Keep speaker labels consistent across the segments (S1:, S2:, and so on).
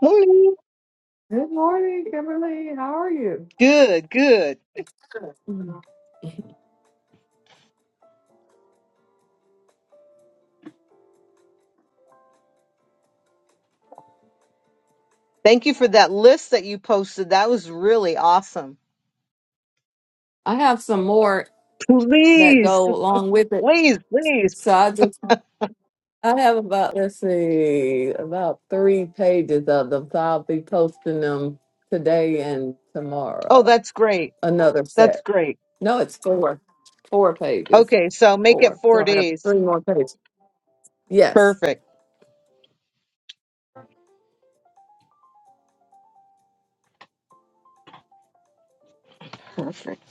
S1: Morning.
S2: Good morning, Kimberly. How are you?
S1: Good, good. Thank you for that list that you posted. That was really awesome.
S2: I have some more that
S1: Please,
S2: go along with it.
S1: please, please.
S2: So I just I have about let's see about three pages of them. So I'll be posting them today and
S1: Oh,
S2: tomorrow.
S1: that's great.
S2: Another
S1: That's
S2: set.
S1: great.
S2: No, it's four. Four pages.
S1: Okay, so make it
S2: Four.
S1: four
S2: So I have
S1: days.
S2: three more pages. Yes.
S1: Perfect. Perfect.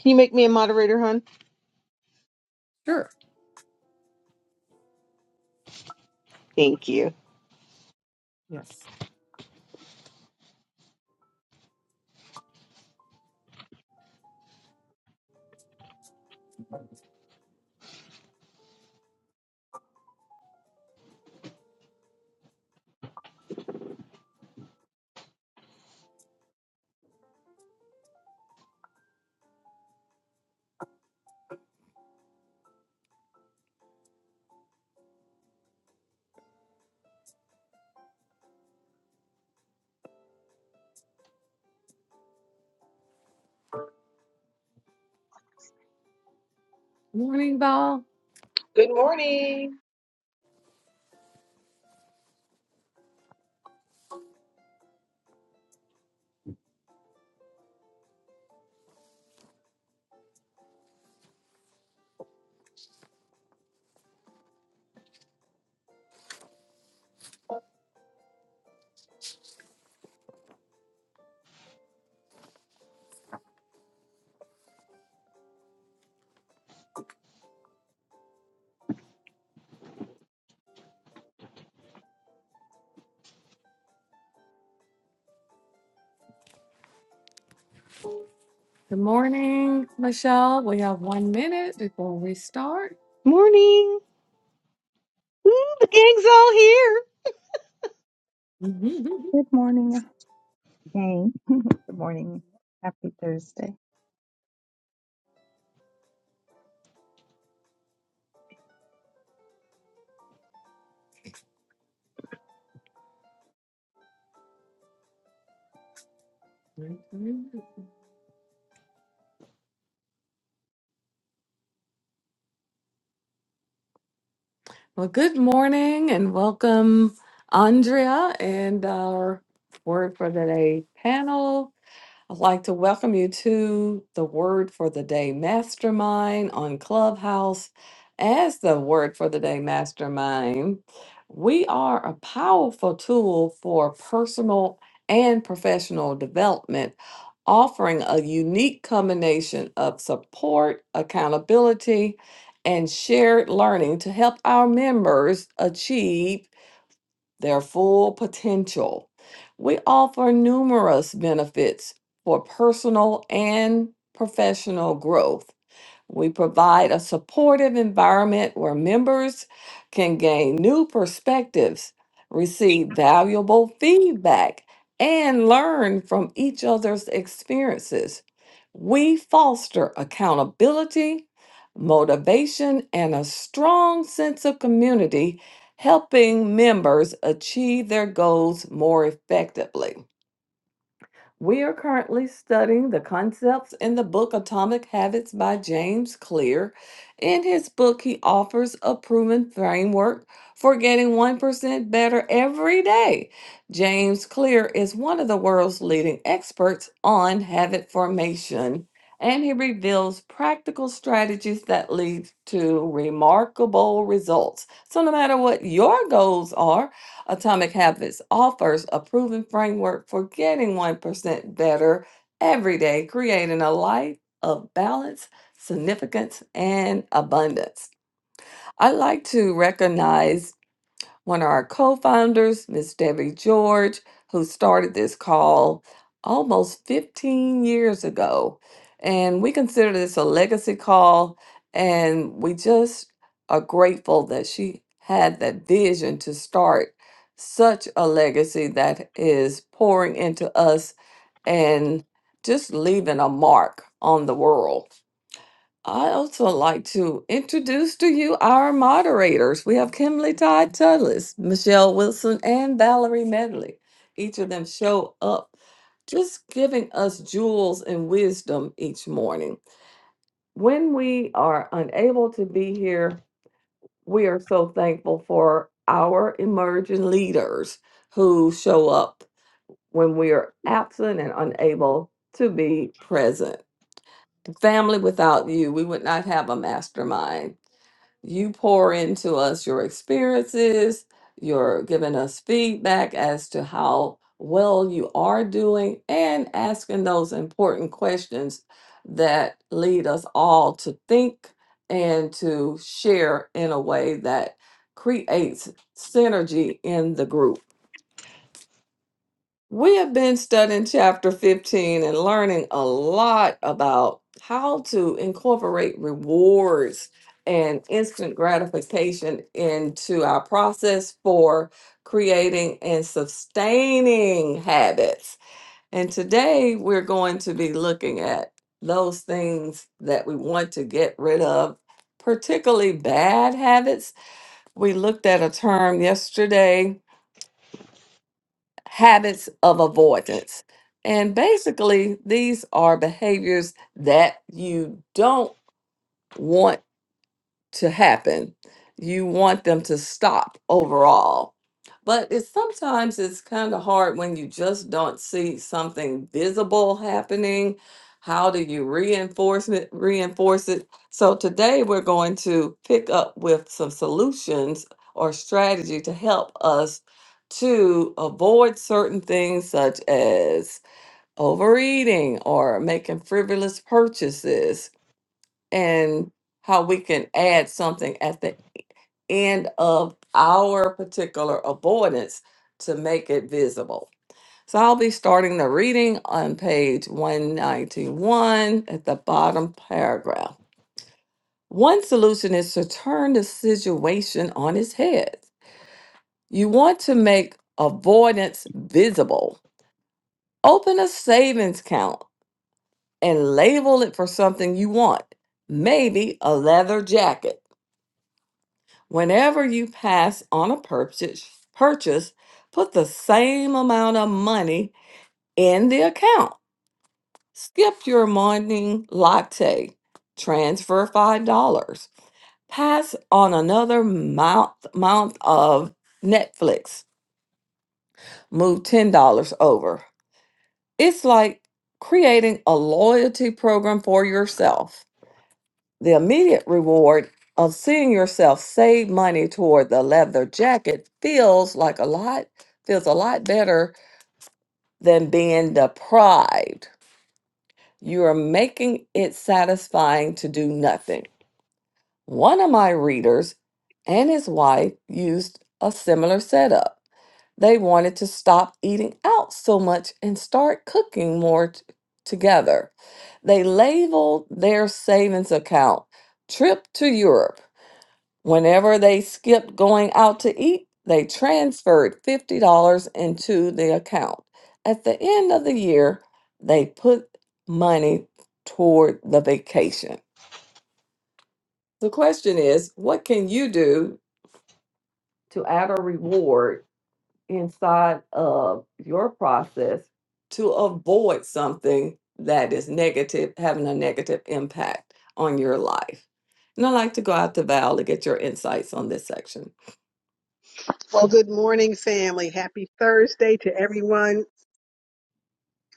S1: Can you make me a moderator, hon?
S2: Sure.
S1: Thank you.
S2: Yes. Morning, Val.
S3: Good morning.
S2: Good morning, Michelle. We have one minute before we start.
S1: Morning. Ooh, the gang's all here.
S4: Good morning again. Good morning. Happy Thursday.
S2: Mm-hmm. Well, good morning and welcome, Andrea, and our word for the day panel. I'd like to welcome you to the Word for the Day Mastermind on Clubhouse. As the Word for the Day Mastermind, we are a powerful tool for personal and professional development, offering a unique combination of support, accountability, and shared learning to help our members achieve their full potential. We offer numerous benefits for personal and professional growth we provide a supportive environment where members can gain new perspectives, receive valuable feedback, and learn from each other's experiences. We foster accountability, motivation, and a strong sense of community, helping members achieve their goals more effectively. We are currently studying the concepts in the book Atomic Habits by James Clear. In his book, he offers a proven framework for getting 1% better every day. James Clear is one of the world's leading experts on habit formation, and he reveals practical strategies that lead to remarkable results. So, no matter what your goals are, Atomic Habits offers a proven framework for getting 1% better every day, creating a life of balance, significance, and abundance. I like to recognize one of our co founders, Miss Debbie George, who started this call almost 15 years ago. And we consider this a legacy call, and we just are grateful that she had that vision to start such a legacy that is pouring into us and just leaving a mark on the world. I also like to introduce to you our moderators. We have Kimberly Todd Tullis, Michelle Wilson, and Valerie Medley. Each of them show up just giving us jewels and wisdom each morning. When we are unable to be here, we are so thankful for our emerging leaders who show up when we are absent and unable to be present. Family, without you, we would not have a mastermind you pour into us your experiences, you're giving us feedback as to how well you are doing, and asking those important questions that lead us all to think and to share in a way that creates synergy in the group. We have been studying chapter 15 and learning a lot about how to incorporate rewards and instant gratification into our process for creating and sustaining habits. And today we're going to be looking at those things that we want to get rid of, particularly bad habits. We looked at a term yesterday habits of avoidance. And basically, these are behaviors that you don't want to happen. You want them to stop overall. But it's sometimes it's kind of hard when you just don't see something visible happening. How do you reinforce it, reinforce it? So today we're going to pick up with some solutions or strategy to help us to avoid certain things such as overeating or making frivolous purchases and how we can add something at the end of our particular avoidance to make it visible. So I'll be starting the reading on page 191 at the bottom paragraph. One solution is to turn the situation on its head. You want to make avoidance visible. Open a savings account and label it for something you want, maybe a leather jacket Whenever you pass on a purchase, purchase, put the same amount of money in the account. Skip your morning latte. Transfer $5. Pass on another month, month of Netflix. Move $10 over. It's like creating a loyalty program for yourself. the immediate reward of seeing yourself save money toward the leather jacket feels like a lot feels a lot better than being deprived you are making it satisfying to do nothing one of my readers and his wife used a similar setup they wanted to stop eating out so much and start cooking more t- together they labeled their savings account trip to europe Whenever they skipped going out to eat, they transferred $50 into the account. At the end of the year, they put money toward the vacation. The question is, what can you do to add a reward inside of your process to avoid something that is negative, having a negative impact on your life. And I'd like to go out to Val to get your insights on this section.
S3: Well, good morning, family. Happy Thursday to everyone.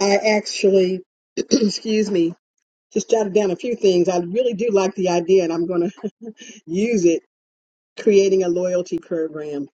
S3: I actually, excuse me, just jotted down a few things. I really do like the idea, and I'm going to use it creating a loyalty program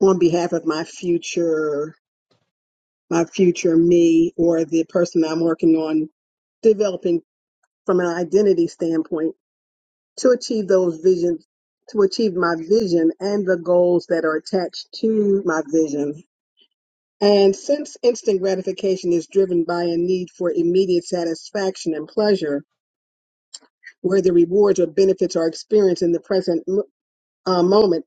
S3: on behalf of my future, my future me, or the person I'm working on developing from an identity standpoint to achieve those visions, to achieve my vision and the goals that are attached to my vision. And since instant gratification is driven by a need for immediate satisfaction and pleasure, where the rewards or benefits are experienced in the present uh, moment,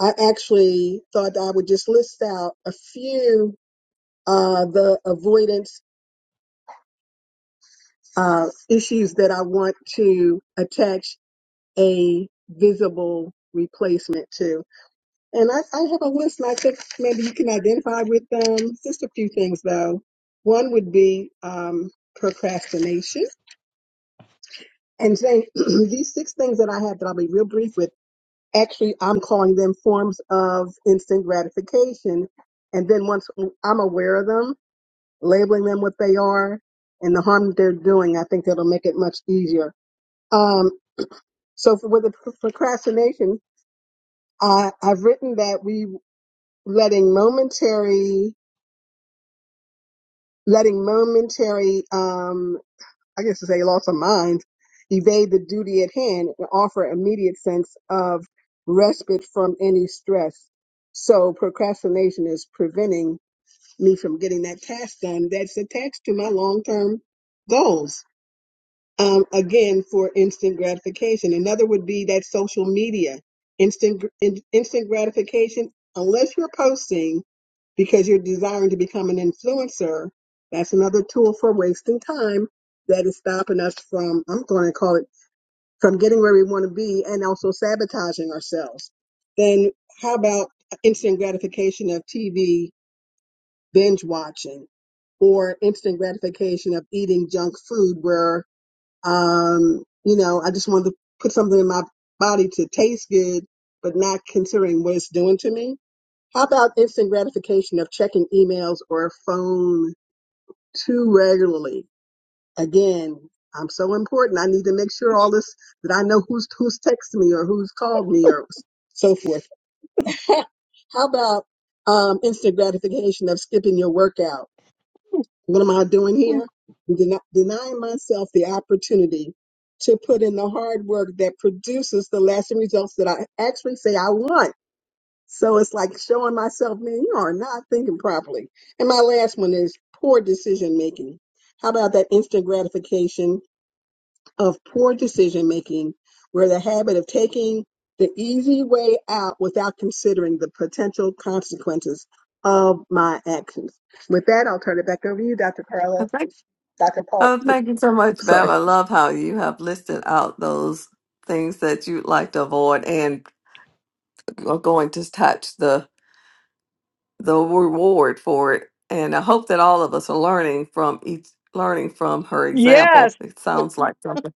S3: I actually thought I would just list out a few uh, the avoidance uh, issues that I want to attach a visible replacement to. And I, I have a list, and I think maybe you can identify with them. Just a few things, though. One would be um, procrastination And Jane, these six things that I have that I'll be real brief with, actually, I'm calling them forms of instant gratification. And then once I'm aware of them, labeling them what they are and the harm that they're doing, I think that'll make it much easier. Um, so for, with the pr- procrastination, I, I've written that we letting momentary, letting momentary, um, I guess to say loss of mind, evade the duty at hand and offer immediate sense of respite from any stress. So procrastination is preventing me from getting that task done that's attached to my long term goals um, again for instant gratification. Another would be that social media, instant gr- in, instant gratification. Unless you're posting because you're desiring to become an influencer, that's another tool for wasting time that is stopping us from. I'm going to call it from getting where we want to be and also sabotaging ourselves. Then how about instant gratification of TV binge watching? or instant gratification of eating junk food where um, you know, I just wanted to put something in my body to taste good, but not considering what it's doing to me. How about instant gratification of checking emails or phone too regularly? Again, I'm so important. I need to make sure all this that I know who's who's texted me or who's called me or so forth. How about um, instant gratification of skipping your workout? What am I doing here? Den- Denying myself the opportunity to put in the hard work that produces the lasting results that I actually say I want. So it's like showing myself, man, you are not thinking properly. And my last one is poor decision making. How about that instant gratification of poor decision making, where the habit of taking the easy way out without considering the potential consequences of my actions? With that, I'll turn it back over to you, Dr. Carla.
S2: I think
S3: Dr. Paul,
S2: Oh,
S3: yeah,
S2: thank you so
S3: I'm
S2: much,
S3: sorry.
S2: Val. I love how you have listed out those things that you'd like to avoid and are going to touch the the reward for it. And I hope that all of us are learning from each learning from her example.
S1: Yes.
S2: It sounds like something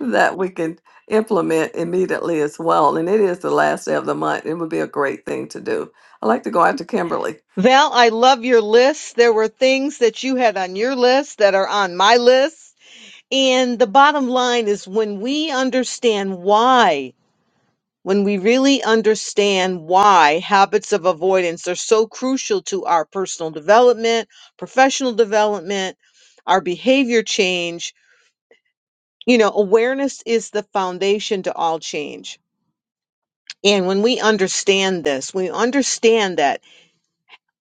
S2: that we can implement immediately as well. And it is the last day of the month. It would be a great thing to do. I'd like to go out to Kimberly.
S1: Val, I love your list. There were things that you had on your list that are on my list. And the bottom line is when we understand why When we really understand why habits of avoidance are so crucial to our personal development, professional development, our behavior change, you know, awareness is the foundation to all change. And when we understand this, we understand that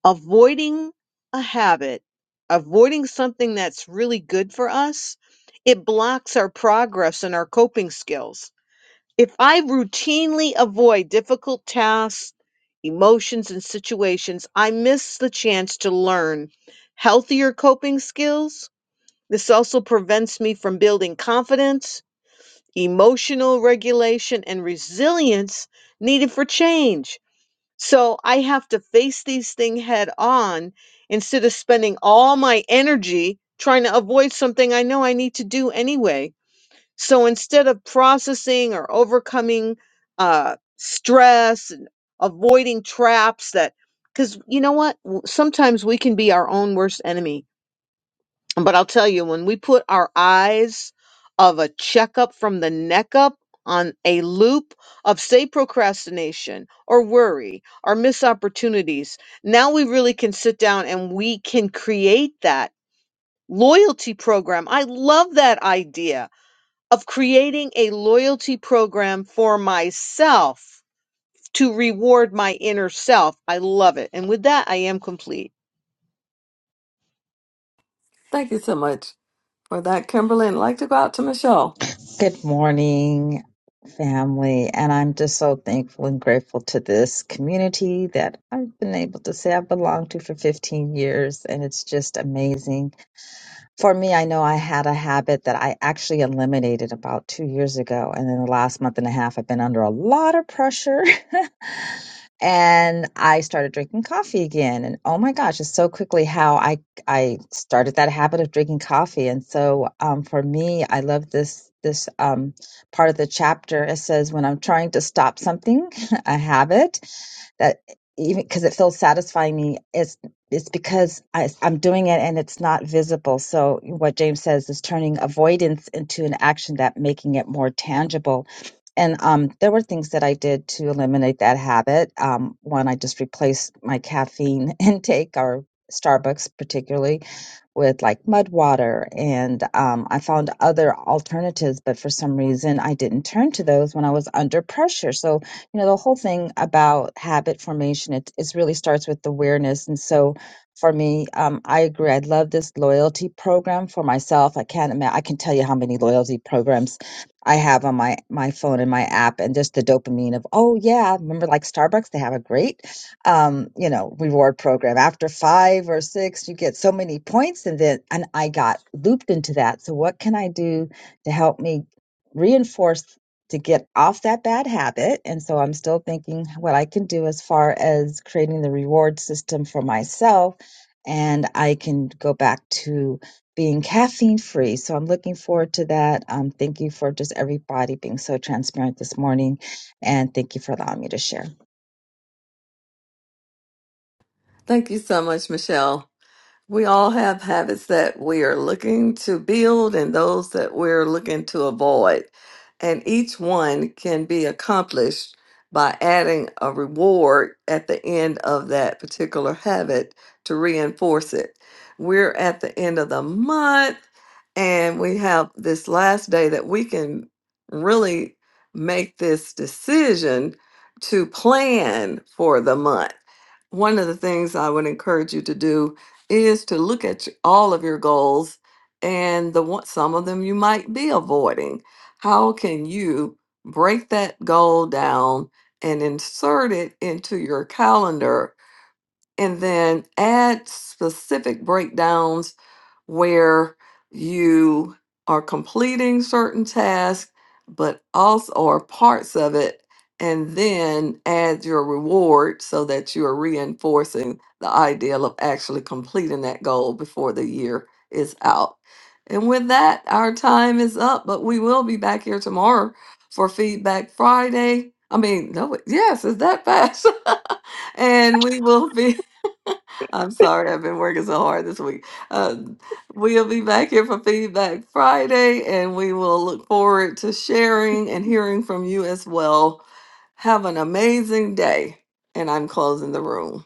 S1: avoiding a habit, avoiding something that's really good for us, it blocks our progress and our coping skills If I routinely avoid difficult tasks, emotions, and situations, I miss the chance to learn healthier coping skills. This also prevents me from building confidence, emotional regulation, and resilience needed for change. So I have to face these things head on instead of spending all my energy trying to avoid something I know I need to do anyway. So instead of processing or overcoming uh, stress and avoiding traps that, because you know what? W- Sometimes we can be our own worst enemy. But I'll tell you, when we put our eyes of a checkup from the neck up on a loop of, say, procrastination or worry or missed opportunities, now we really can sit down and we can create that loyalty program. I love that idea of creating a loyalty program for myself to reward my inner self. I love it. And with that, I am complete.
S2: Thank you so much for that, Kimberly. And I'd like to go out to Michelle.
S4: Good morning, family. And I'm just so thankful and grateful to this community that I've been able to say I belong to for 15 years. And it's just amazing. For me, I know I had a habit that I actually eliminated about two years ago. And then the last month and a half, I've been under a lot of pressure and I started drinking coffee again. And oh my gosh, it's so quickly how I I started that habit of drinking coffee. And so um, for me, I love this this um, part of the chapter. It says when I'm trying to stop something, a habit that even because it feels satisfying me it's it's because I, i'm doing it and it's not visible so what james says is turning avoidance into an action that making it more tangible and um, there were things that i did to eliminate that habit um, one i just replaced my caffeine intake or starbucks particularly with like mud water and um, i found other alternatives but for some reason i didn't turn to those when i was under pressure so you know the whole thing about habit formation it, it really starts with awareness and so for me um, i agree i love this loyalty program for myself i can't imagine i can tell you how many loyalty programs i have on my my phone and my app and just the dopamine of oh yeah remember like starbucks they have a great um, you know, reward program. After five or six, you get so many points, and then and I got looped into that. So what can I do to help me reinforce to get off that bad habit? And so I'm still thinking what I can do as far as creating the reward system for myself, and I can go back to being caffeine free. So I'm looking forward to that. Um, thank you for just everybody being so transparent this morning, and thank you for allowing me to share.
S2: Thank you so much, Michelle. We all have habits that we are looking to build and those that we're looking to avoid. And each one can be accomplished by adding a reward at the end of that particular habit to reinforce it. We're at the end of the month and we have this last day that we can really make this decision to plan for the month. One of the things I would encourage you to do is to look at your- all of your goals and the one some of them you might be avoiding. How can you break that goal down and insert it into your calendar and then add specific breakdowns where you are completing certain tasks, but also or parts of it, and then add your reward so that you are reinforcing the ideal of actually completing that goal before the year is out. And with that, our time is up, but we will be back here tomorrow for Feedback Friday. I mean, no, wait, yes, it's that fast. and we will be, I'm sorry, I've been working so hard this week. Uh, We'll be back here for Feedback Friday, and we will look forward to sharing and hearing from you as well. Have an amazing day, and I'm closing the room.